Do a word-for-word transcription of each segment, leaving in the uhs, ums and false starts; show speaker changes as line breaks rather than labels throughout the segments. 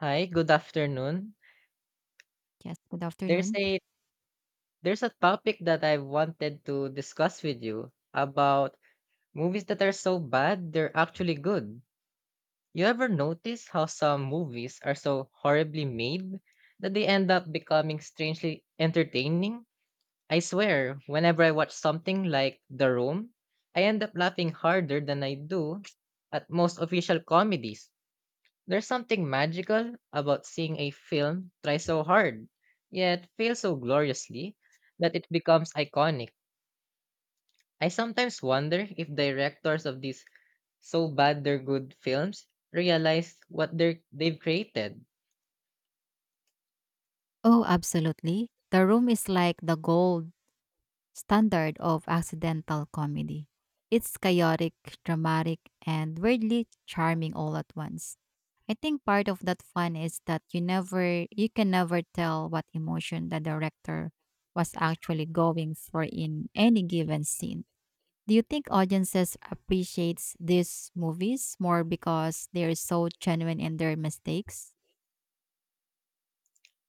Hi, good afternoon.
Yes, good
There's
afternoon.
a there's a topic that I wanted to discuss with you about movies that are so bad they're actually good. You ever notice how some movies are so horribly made that they end up becoming strangely entertaining? I swear, whenever I watch something like The Room, I end up laughing harder than I do at most official comedies. There's something magical about seeing a film try so hard, yet fail so gloriously that it becomes iconic. I sometimes wonder if directors of these so bad they're good films realize what they're, they've created.
Oh, absolutely. The Room is like the gold standard of accidental comedy. It's chaotic, dramatic, and weirdly charming all at once. I think part of that fun is that you never you can never tell what emotion the director was actually going for in any given scene. Do you think audiences appreciates these movies more because they're so genuine in their mistakes?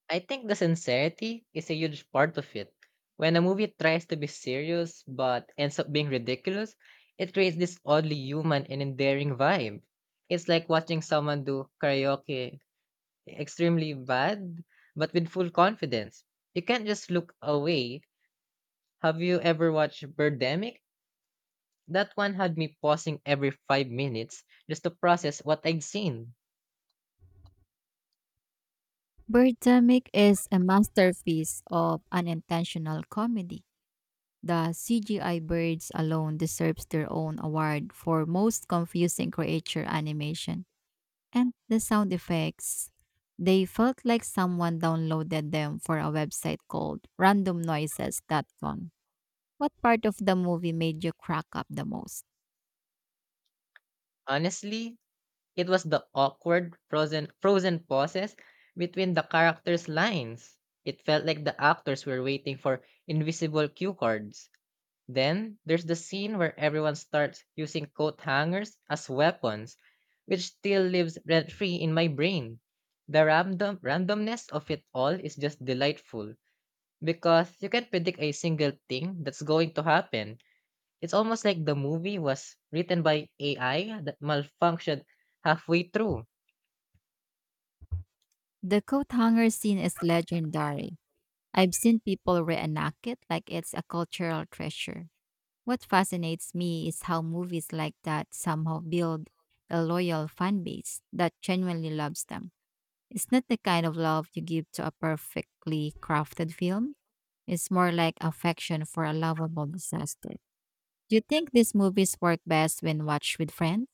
I think the sincerity is a huge part of it. When a movie tries to be serious but ends up being ridiculous, it creates this oddly human and endearing vibe. It's like watching someone do karaoke extremely bad, but with full confidence. You can't just look away. Have you ever watched Birdemic? That one had me pausing every five minutes just to process what I'd seen.
Birdemic is a masterpiece of unintentional comedy. The C G I birds alone deserves their own award for most confusing creature animation. And the sound effects, they felt like someone downloaded them for a website called Random Noises. Dot com. What part of the movie made you crack up the most?
Honestly, it was the awkward frozen frozen pauses between the characters' lines. It felt like the actors were waiting for invisible cue cards. Then there's the scene where everyone starts using coat hangers as weapons, which still lives rent free in my brain. The random randomness of it all is just delightful because you can't predict a single thing that's going to happen. It's almost like the movie was written by A I that malfunctioned halfway through.
The coat hanger scene is legendary. I've seen people reenact it like it's a cultural treasure. What fascinates me is how movies like that somehow build a loyal fan base that genuinely loves them. It's not the kind of love you give to a perfectly crafted film, it's more like affection for a lovable disaster. Do you think these movies work best when watched with friends?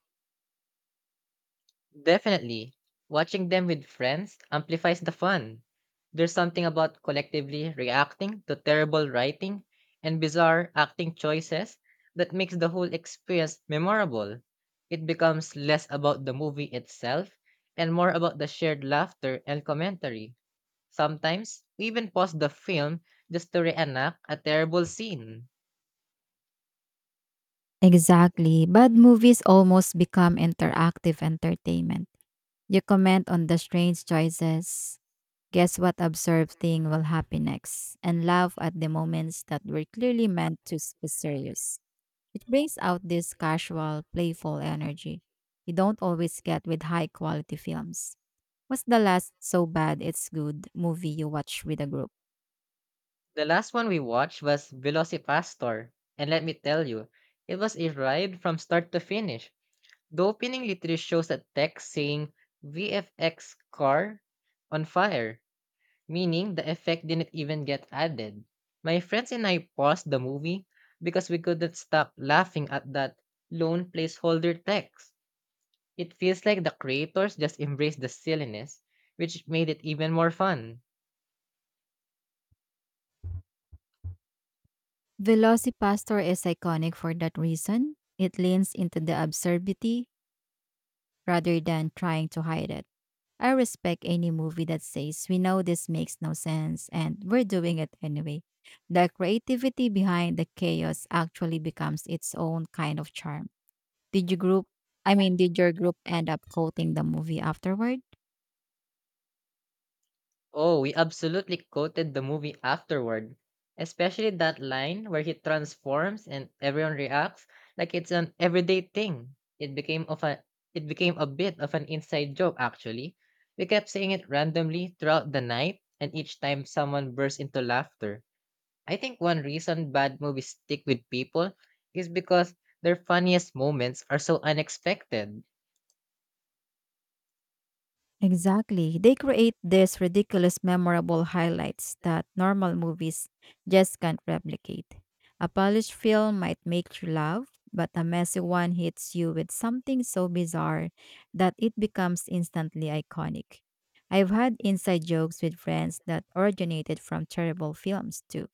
Definitely. Watching them with friends amplifies the fun. There's something about collectively reacting to terrible writing and bizarre acting choices that makes the whole experience memorable. It becomes less about the movie itself and more about the shared laughter and commentary. Sometimes, we even pause the film just to reenact a terrible scene.
Exactly. Bad movies almost become interactive entertainment. You comment on the strange choices, guess what absurd thing will happen next, and laugh at the moments that were clearly meant to s- be serious. It brings out this casual, playful energy you don't always get with high quality films. What's the last so bad it's good movie you watch with a group?
The last one we watched was Velocipastor, and let me tell you, it was a ride from start to finish. The opening literally shows a text saying V F X car on fire, meaning the effect didn't even get added. My friends and I paused the movie because we couldn't stop laughing at that lone placeholder text. It feels like the creators just embraced the silliness, which made it even more fun.
Velocipastor is iconic for that reason. It leans into the absurdity rather than trying to hide it. I respect any movie that says we know this makes no sense and we're doing it anyway. The creativity behind the chaos actually becomes its own kind of charm. Did you group I mean did your group end up quoting the movie afterward?
Oh, we absolutely quoted the movie afterward, especially that line where he transforms and everyone reacts like it's an everyday thing. It became of a it became a bit of an inside joke actually. We kept saying it randomly throughout the night and each time someone burst into laughter. I think one reason bad movies stick with people is because their funniest moments are so unexpected.
Exactly. They create these ridiculous, memorable highlights that normal movies just can't replicate. A polished film might make you laugh, but a messy one hits you with something so bizarre that it becomes instantly iconic. I've had inside jokes with friends that originated from terrible films, too.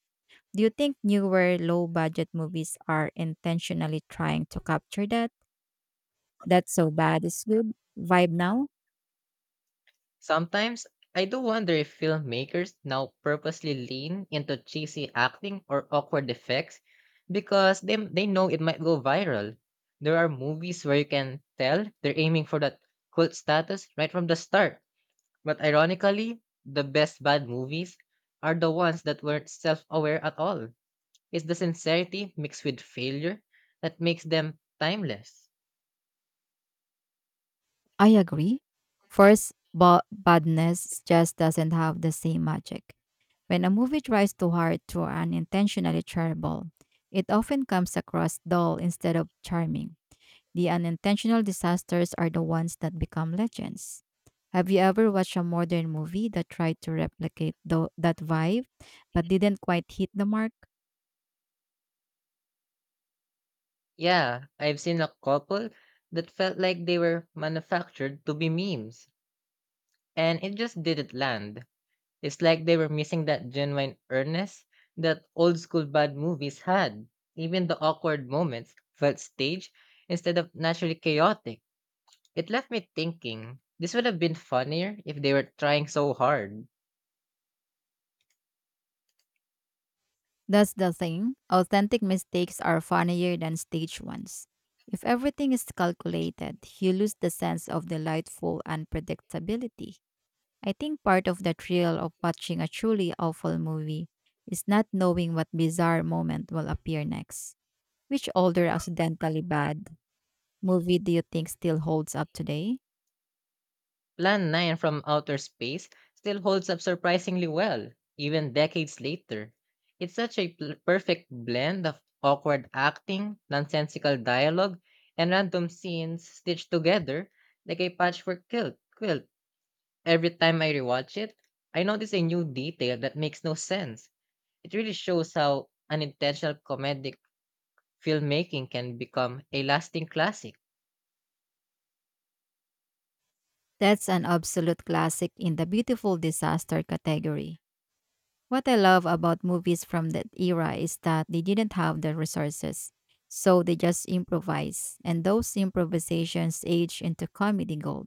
Do you think newer, low budget movies are intentionally trying to capture that That's so bad, it's good vibe now?
Sometimes, I do wonder if filmmakers now purposely lean into cheesy acting or awkward effects because they, they know it might go viral. There are movies where you can tell they're aiming for that cult status right from the start. But ironically, the best bad movies are the ones that weren't self aware at all. It's the sincerity mixed with failure that makes them timeless.
I agree. First, but badness just doesn't have the same magic. When a movie tries too hard to unintentionally terrible, it often comes across dull instead of charming. The unintentional disasters are the ones that become legends. Have you ever watched a modern movie that tried to replicate tho- that vibe but didn't quite hit the mark?
Yeah, I've seen a couple that felt like they were manufactured to be memes, and it just didn't land. It's like they were missing that genuine earnest that old school bad movies had. Even the awkward moments felt staged instead of naturally chaotic. It left me thinking, this would have been funnier if they were trying so hard.
That's the thing. Authentic mistakes are funnier than staged ones. If everything is calculated, you lose the sense of delightful unpredictability. I think part of the thrill of watching a truly awful movie is not knowing what bizarre moment will appear next. Which older accidentally bad movie do you think still holds up today?
Plan nine from Outer Space still holds up surprisingly well, even decades later. It's such a pl- perfect blend of awkward acting, nonsensical dialogue, and random scenes stitched together like a patchwork quilt. quilt. Every time I rewatch it, I notice a new detail that makes no sense. It really shows how unintentional comedic filmmaking can become a lasting classic.
That's an absolute classic in the beautiful disaster category. What I love about movies from that era is that they didn't have the resources, so they just improvise, and those improvisations age into comedy gold.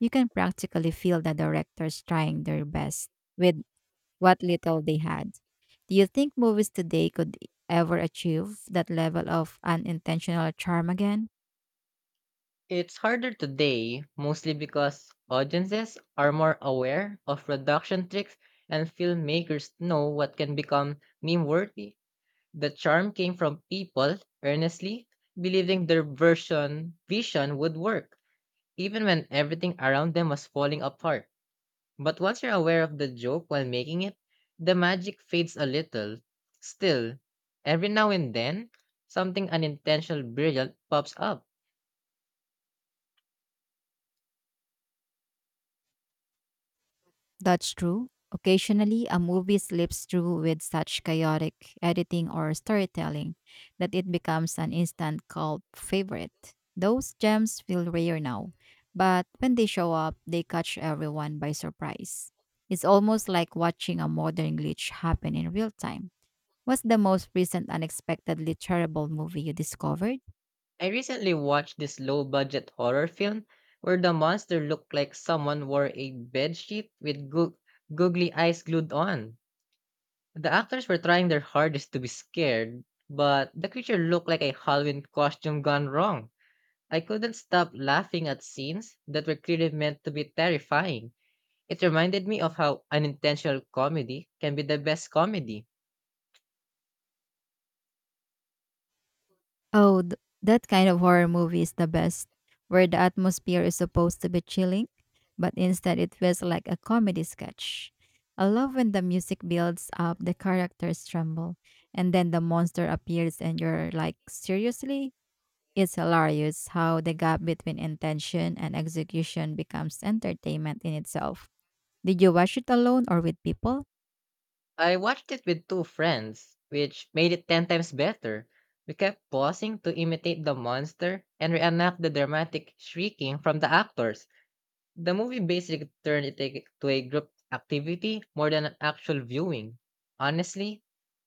You can practically feel the directors trying their best with what little they had. Do you think movies today could ever achieve that level of unintentional charm again?
It's harder today, mostly because audiences are more aware of production tricks and filmmakers know what can become meme worthy. The charm came from people earnestly believing their version vision would work, even when everything around them was falling apart. But once you're aware of the joke while making it, the magic fades a little. Still, every now and then, something unintentional brilliant pops up.
That's true. Occasionally, a movie slips through with such chaotic editing or storytelling that it becomes an instant cult favorite. Those gems feel rare now, but when they show up, they catch everyone by surprise. It's almost like watching a modern glitch happen in real time. What's the most recent unexpectedly terrible movie you discovered?
I recently watched this low budget horror film where the monster looked like someone wore a bedsheet with goo- googly eyes glued on. The actors were trying their hardest to be scared, but the creature looked like a Halloween costume gone wrong. I couldn't stop laughing at scenes that were clearly meant to be terrifying. It reminded me of how unintentional comedy can be the best comedy.
Oh, th- that kind of horror movie is the best, where the atmosphere is supposed to be chilling, but instead it feels like a comedy sketch. I love when the music builds up, the characters tremble, and then the monster appears, and you're like, seriously? It's hilarious how the gap between intention and execution becomes entertainment in itself. Did you watch it alone or with people?
I watched it with two friends, which made it ten times better. We kept pausing to imitate the monster and reenact the dramatic shrieking from the actors. The movie basically turned it a- to a group activity more than an actual viewing. Honestly,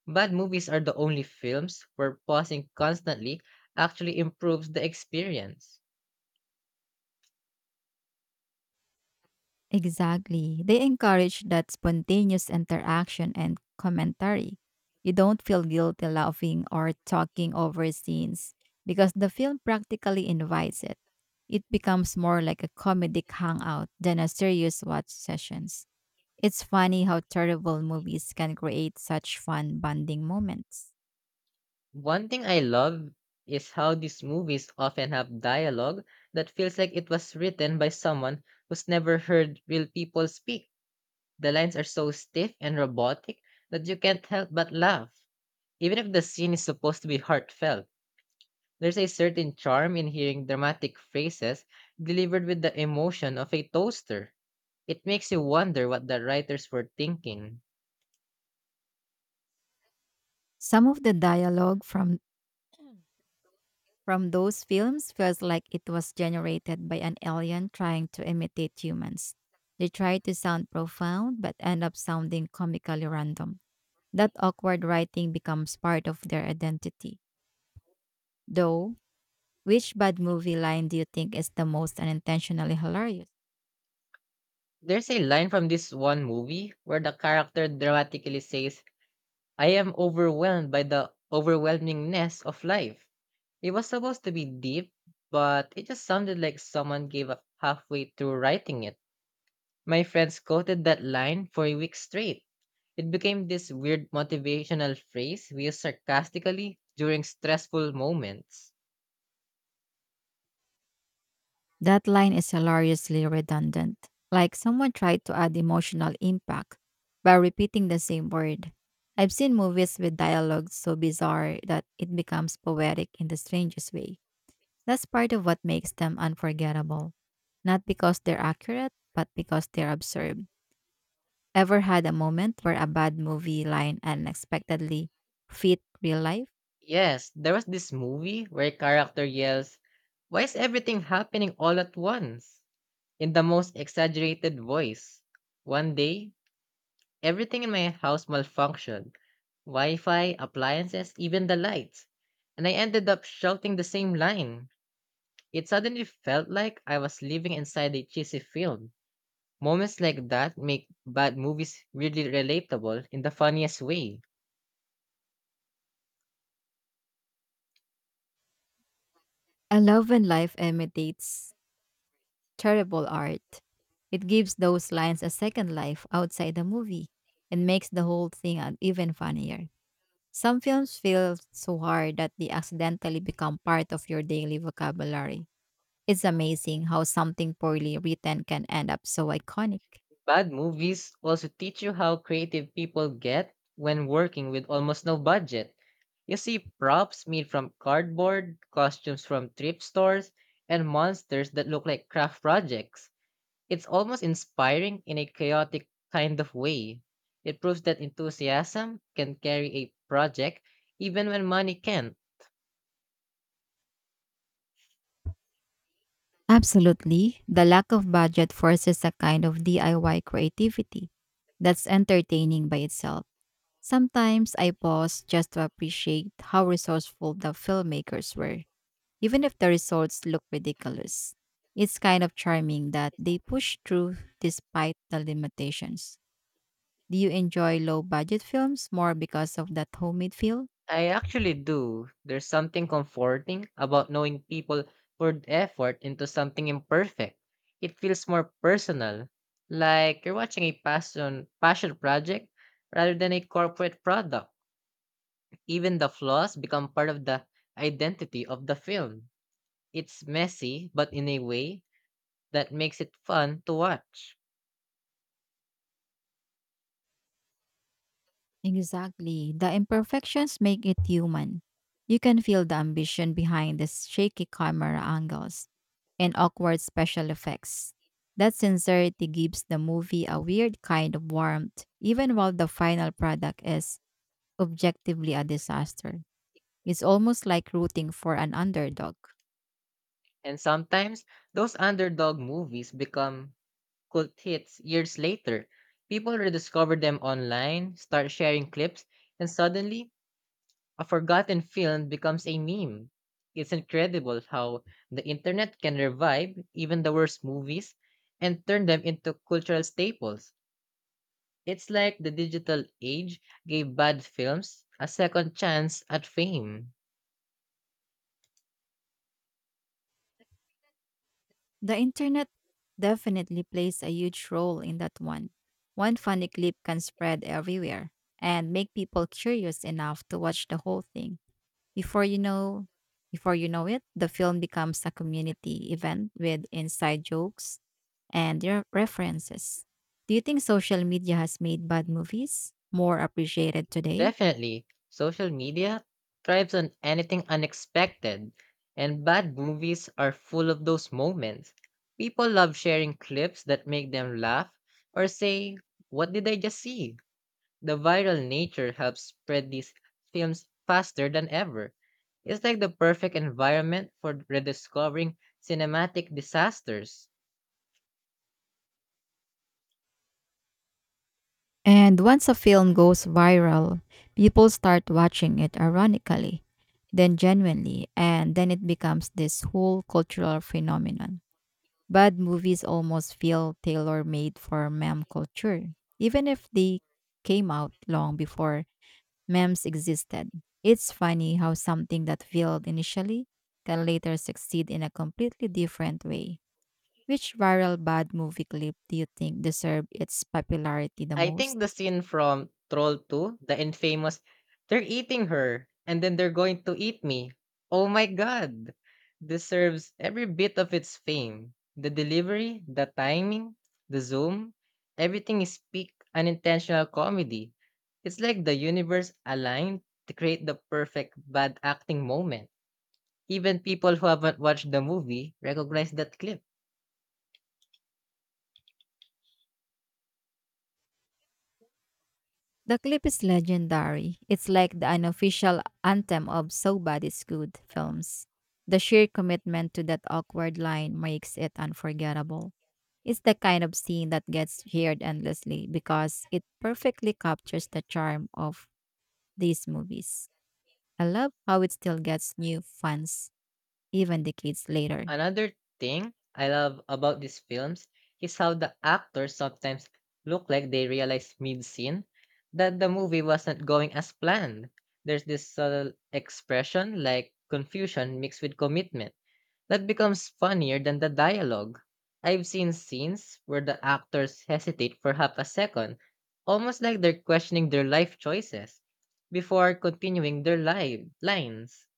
bad movies are the only films where pausing constantly actually improves the experience.
Exactly. They encourage that spontaneous interaction and commentary. You don't feel guilty laughing or talking over scenes because the film practically invites it. It becomes more like a comedic hangout than a serious watch sessions. It's funny how terrible movies can create such fun bonding moments.
One thing I love is how these movies often have dialogue that feels like it was written by someone who's never heard real people speak. The lines are so stiff and robotic that you can't help but laugh. Even if the scene is supposed to be heartfelt, there's a certain charm in hearing dramatic phrases delivered with the emotion of a toaster. It makes you wonder what the writers were thinking.
Some of the dialogue from from those films feels like it was generated by an alien trying to imitate humans. They try to sound profound but end up sounding comically random. That awkward writing becomes part of their identity. Though, which bad movie line do you think is the most unintentionally hilarious?
There's a line from this one movie where the character dramatically says, I am overwhelmed by the overwhelmingness of life. It was supposed to be deep, but it just sounded like someone gave up halfway through writing it. My friends quoted that line for a week straight. It became this weird motivational phrase we use sarcastically during stressful moments.
That line is hilariously redundant, like someone tried to add emotional impact by repeating the same word. I've seen movies with dialogue so bizarre that it becomes poetic in the strangest way. That's part of what makes them unforgettable. Not because they're accurate, but because they're absurd. Ever had a moment where a bad movie line unexpectedly fit real life?
Yes, there was this movie where a character yells, Why is everything happening all at once? In the most exaggerated voice. One day, everything in my house malfunctioned: Wi Fi, appliances, even the lights. And I ended up shouting the same line. It suddenly felt like I was living inside a cheesy film. Moments like that make bad movies really relatable in the funniest way.
I love when life imitates terrible art. It gives those lines a second life outside the movie and makes the whole thing an- even funnier. Some films feel so hard that they accidentally become part of your daily vocabulary. It's amazing how something poorly written can end up so iconic.
Bad movies also teach you how creative people get when working with almost no budget. You see props made from cardboard, costumes from thrift stores, and monsters that look like craft projects. It's almost inspiring in a chaotic kind of way. It proves that enthusiasm can carry a project even when money can't.
Absolutely. The lack of budget forces a kind of D I Y creativity that's entertaining by itself. Sometimes I pause just to appreciate how resourceful the filmmakers were, even if the results look ridiculous. It's kind of charming that they push through despite the limitations. Do you enjoy low budget films more because of that homemade feel?
I actually do. There's something comforting about knowing people poured effort into something imperfect. It feels more personal, like you're watching a passion passion project rather than a corporate product. Even the flaws become part of the identity of the film. It's messy, but in a way, that makes it fun to watch.
Exactly. The imperfections make it human. You can feel the ambition behind the shaky camera angles and awkward special effects. That sincerity gives the movie a weird kind of warmth, even while the final product is objectively a disaster. It's almost like rooting for an underdog.
And sometimes those underdog movies become cult hits years later. People rediscover them online, start sharing clips, and suddenly a forgotten film becomes a meme. It's incredible how the internet can revive even the worst movies and turn them into cultural staples. It's like the digital age gave bad films a second chance at fame.
The internet definitely plays a huge role in that one. One funny clip can spread everywhere and make people curious enough to watch the whole thing. Before you know, Before you know it, the film becomes a community event with inside jokes and their references. Do you think social media has made bad movies more appreciated today?
Definitely, social media thrives on anything unexpected, and bad movies are full of those moments. People love sharing clips that make them laugh or say, what did I just see? The viral nature helps spread these films faster than ever. It's like the perfect environment for rediscovering cinematic disasters.
And once a film goes viral, people start watching it ironically, then genuinely, and then it becomes this whole cultural phenomenon. Bad movies almost feel tailor made for meme culture, even if they came out long before memes existed. It's funny how something that failed initially can later succeed in a completely different way. Which viral bad movie clip do you think deserved its popularity the
I
most?
think the scene from Troll two, the infamous, they're eating her and then they're going to eat me. Oh my god. Deserves every bit of its fame. The delivery, the timing, the zoom, everything is peak unintentional comedy. It's like the universe aligned to create the perfect bad acting moment. Even people who haven't watched the movie recognize that clip.
The clip is legendary. It's like the unofficial anthem of So Bad It's Good films. The sheer commitment to that awkward line makes it unforgettable. It's the kind of scene that gets shared endlessly because it perfectly captures the charm of these movies. I love how it still gets new fans even decades later.
Another thing I love about these films is how the actors sometimes look like they realize mid scene that the movie wasn't going as planned. There's this subtle expression like confusion mixed with commitment that becomes funnier than the dialogue. I've seen scenes where the actors hesitate for half a second, almost like they're questioning their life choices before continuing their li- lines.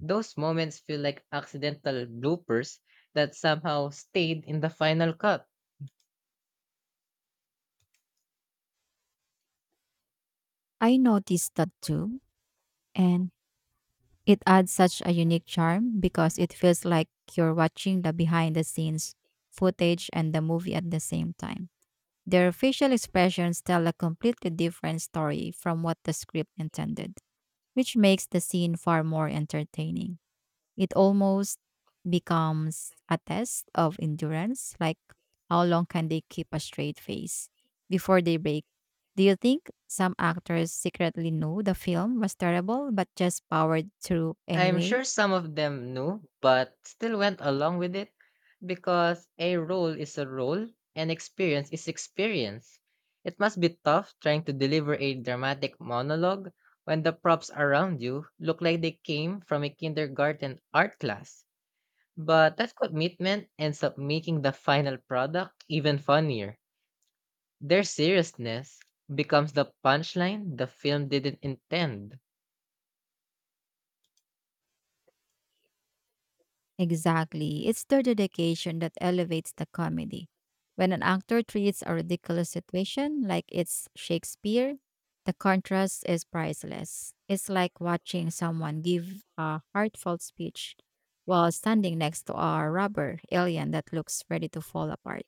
Those moments feel like accidental bloopers that somehow stayed in the final cut.
I noticed that too, and it adds such a unique charm because it feels like you're watching the behind the scenes footage and the movie at the same time. Their facial expressions tell a completely different story from what the script intended, which makes the scene far more entertaining. It almost becomes a test of endurance, like how long can they keep a straight face before they break. Do you think some actors secretly knew the film was terrible but just powered through
I'm
anyway?
sure some of them knew, but still went along with it because a role is a role and experience is experience. It must be tough trying to deliver a dramatic monologue when the props around you look like they came from a kindergarten art class. But that commitment ends up making the final product even funnier. Their seriousness becomes the punchline the film didn't intend.
Exactly. It's their dedication that elevates the comedy. When an actor treats a ridiculous situation like it's Shakespeare, the contrast is priceless. It's like watching someone give a heartfelt speech while standing next to a rubber alien that looks ready to fall apart.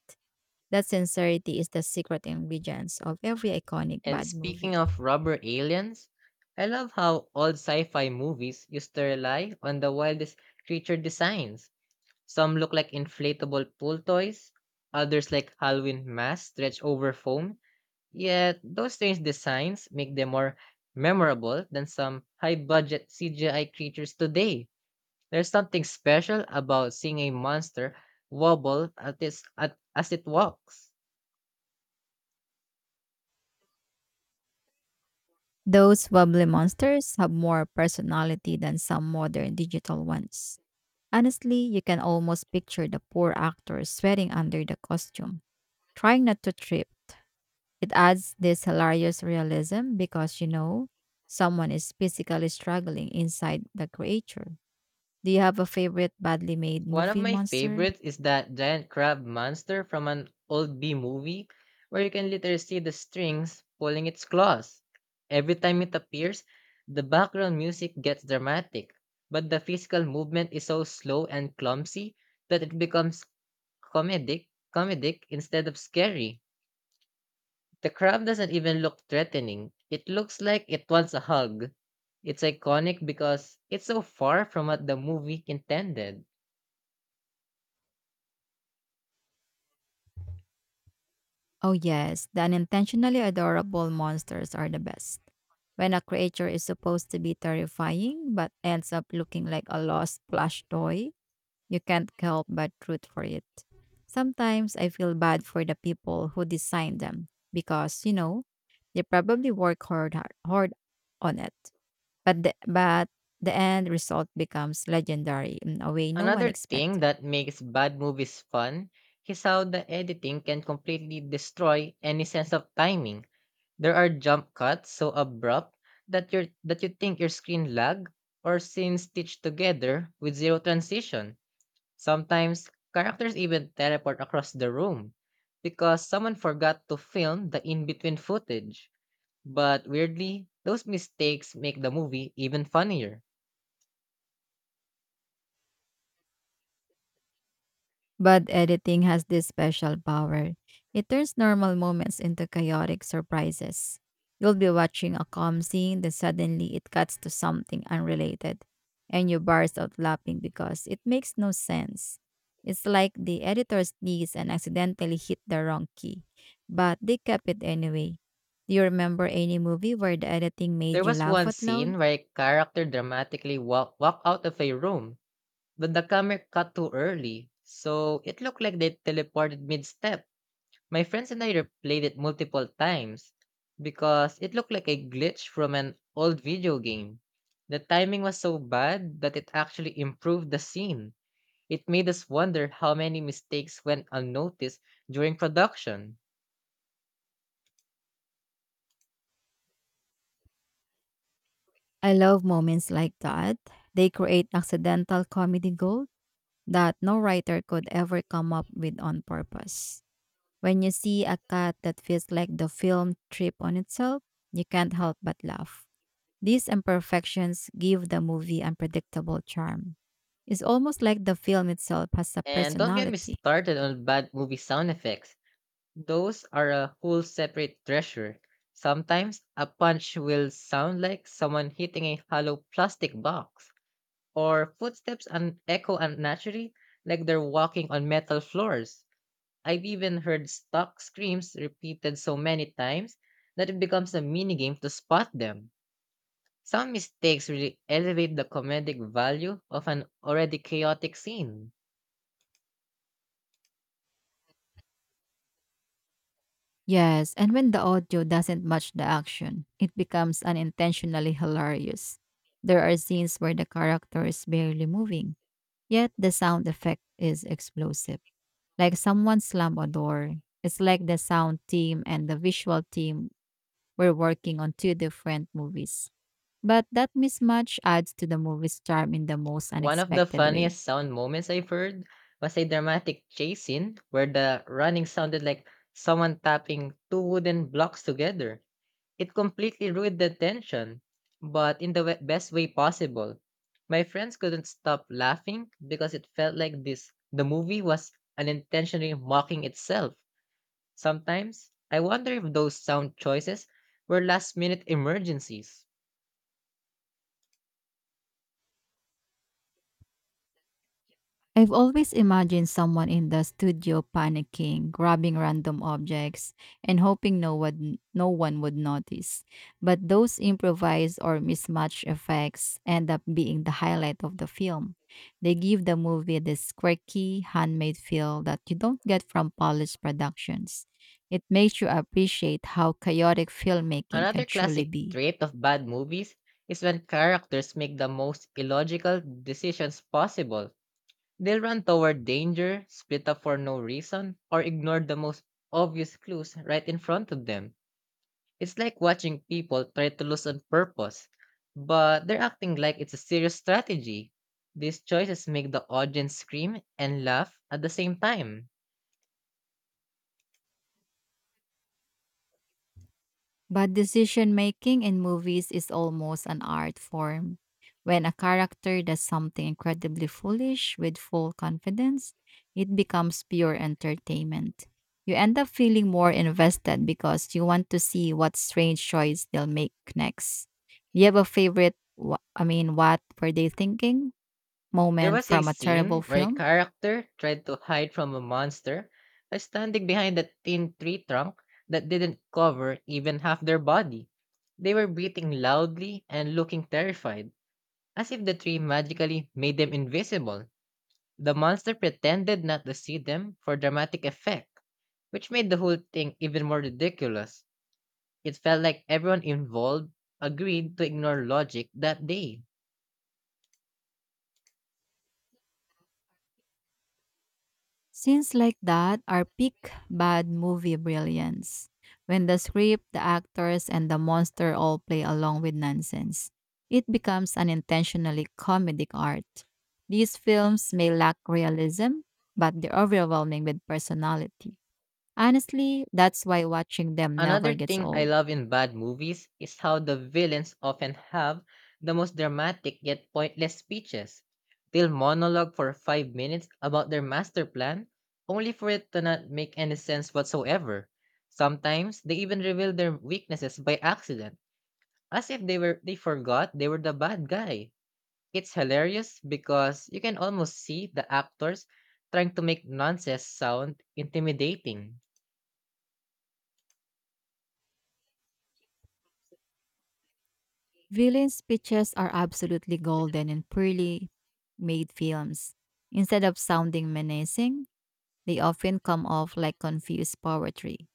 That sincerity is the secret ingredients of every iconic
And
bad movie.
speaking of rubber aliens, I love how old sci fi movies used to rely on the wildest creature designs. Some look like inflatable pool toys, others like Halloween masks stretched over foam. Yet, those strange designs make them more memorable than some high budget C G I creatures today. There's something special about seeing a monster wobble at its, at, as it walks.
Those wobbly monsters have more personality than some modern digital ones. Honestly, you can almost picture the poor actors sweating under the costume, trying not to trip. It adds this hilarious realism because you know someone is physically struggling inside the creature. Do you have a favorite badly made
One of
movie
my
monster?
favorites is that giant crab monster from an old B movie where you can literally see the strings pulling its claws. Every time it appears, the background music gets dramatic, but the physical movement is so slow and clumsy that it becomes comedic, comedic instead of scary. The crab doesn't even look threatening. It looks like it wants a hug. It's iconic because it's so far from what the movie intended.
Oh, yes, the unintentionally adorable monsters are the best. When a creature is supposed to be terrifying but ends up looking like a lost plush toy, you can't help but root for it. Sometimes I feel bad for the people who designed them because, you know, they probably work hard hard on it. But the, but the end result becomes legendary in a way no one
Another thing
expected.
that makes bad movies fun is how the editing can completely destroy any sense of timing. There are jump cuts so abrupt that you that you think your screen lag or scenes stitched together with zero transition. Sometimes, characters even teleport across the room because someone forgot to film the in between footage. But weirdly, those mistakes make the movie even funnier.
But editing has this special power. It turns normal moments into chaotic surprises. You'll be watching a calm scene, then suddenly it cuts to something unrelated, and you burst out laughing because it makes no sense. It's like the editor sneezed and accidentally hit the wrong key, but they kept it anyway. Do you remember any movie where the editing
There
made you
was
laugh
one
out loud?
scene where a character dramatically walk, walk out of a room, but the camera cut too early, so it looked like they teleported mid step. My friends and I replayed it multiple times because it looked like a glitch from an old video game. The timing was so bad that it actually improved the scene. It made us wonder how many mistakes went unnoticed during production.
I love moments like that. They create accidental comedy gold that no writer could ever come up with on purpose. When you see a cut that feels like the film trip on itself, you can't help but laugh. These imperfections give the movie unpredictable charm. It's almost like the film itself has a
And don't get me
personality.
started on bad movie sound effects. Those are a whole separate treasure. Sometimes a punch will sound like someone hitting a hollow plastic box, or footsteps and echo unnaturally, like they're walking on metal floors. I've even heard stuck screams repeated so many times that it becomes a minigame to spot them. Some mistakes really elevate the comedic value of an already chaotic scene.
Yes, and when the audio doesn't match the action, it becomes unintentionally hilarious. There are scenes where the character is barely moving, yet the sound effect is explosive, like someone slam a door. It's like the sound team and the visual team were working on two different movies. But that mismatch adds to the movie's charm in the most
One of the
unexpected way.
funniest sound moments I've heard was a dramatic chase scene where the running sounded like someone tapping two wooden blocks together. It completely ruined the tension, but in the we- best way possible. My friends couldn't stop laughing because it felt like this the movie was unintentionally mocking itself. Sometimes I wonder if those sound choices were last minute emergencies.
I've always imagined someone in the studio panicking, grabbing random objects, and hoping no one, no one would notice. But those improvised or mismatched effects end up being the highlight of the film. They give the movie this quirky, handmade feel that you don't get from polished productions. It makes you appreciate how chaotic filmmaking can
Another
truly
classic
be.
trait of bad movies is when characters make the most illogical decisions possible. They'll run toward danger, split up for no reason, or ignore the most obvious clues right in front of them. It's like watching people try to lose on purpose, but they're acting like it's a serious strategy. These choices make the audience scream and laugh at the same time.
But decision making in movies is almost an art form. When a character does something incredibly foolish with full confidence, it becomes pure entertainment. You end up feeling more invested because you want to see what strange choice they'll make next. Do you have a favorite, wh- I mean, what were they thinking
There
moment
was a
from a terrible
scene where a
film?
character tried to hide from a monster by standing behind a thin tree trunk that didn't cover even half their body. They were breathing loudly and looking terrified, as if the tree magically made them invisible. The monster pretended not to see them for dramatic effect, which made the whole thing even more ridiculous. It felt like everyone involved agreed to ignore logic that day.
Scenes like that are peak bad movie brilliance. When the script, the actors, and the monster all play along with nonsense, it becomes an intentionally comedic art. These films may lack realism, but they're overwhelming with personality. Honestly, that's why watching them never
Another
gets
thing I
old.
love in bad movies is how the villains often have the most dramatic yet pointless speeches. They'll monologue for five minutes about their master plan, only for it to not make any sense whatsoever. Sometimes they even reveal their weaknesses by accident, as if they were they forgot they were the bad guy. It's hilarious because you can almost see the actors trying to make nonsense sound intimidating.
Villain speeches are absolutely golden in poorly made films. Instead of sounding menacing, they often come off like confused poetry.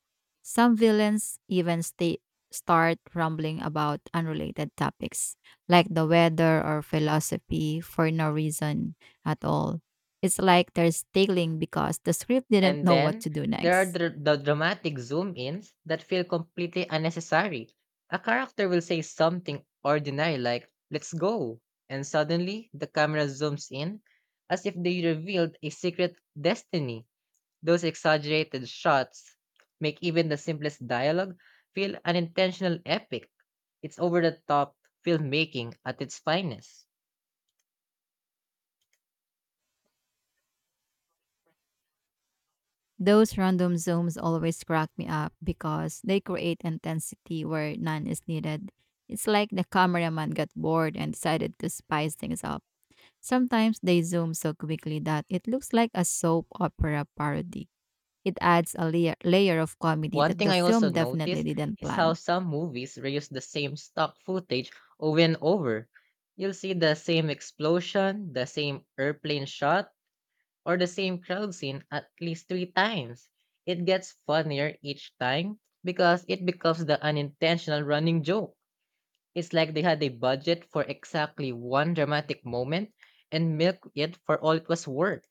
Some villains even sta- start rambling about unrelated topics, like the weather or philosophy, for no reason at all. It's like they're stealing because the script didn't
And
know what
then
to do
there are
next.
dr- the dramatic zoom ins that feel completely unnecessary. A character will say something ordinary like, "Let's go." And suddenly the camera zooms in as if they revealed a secret destiny. Those exaggerated shots make even the simplest dialogue feel unintentional epic. It's over the top filmmaking at its finest.
Those random zooms always crack me up because they create intensity where none is needed. It's like the cameraman got bored and decided to spice things up. Sometimes they zoom so quickly that it looks like a soap opera parody. It adds a layer, layer of comedy
One
that
thing
the
I also
film definitely
noticed
didn't
is how
plan.
some movies reuse the same stock footage over and over. You'll see the same explosion, the same airplane shot, or the same crowd scene at least three times. It gets funnier each time because it becomes the unintentional running joke. It's like they had a budget for exactly one dramatic moment and milk it for all it was worth.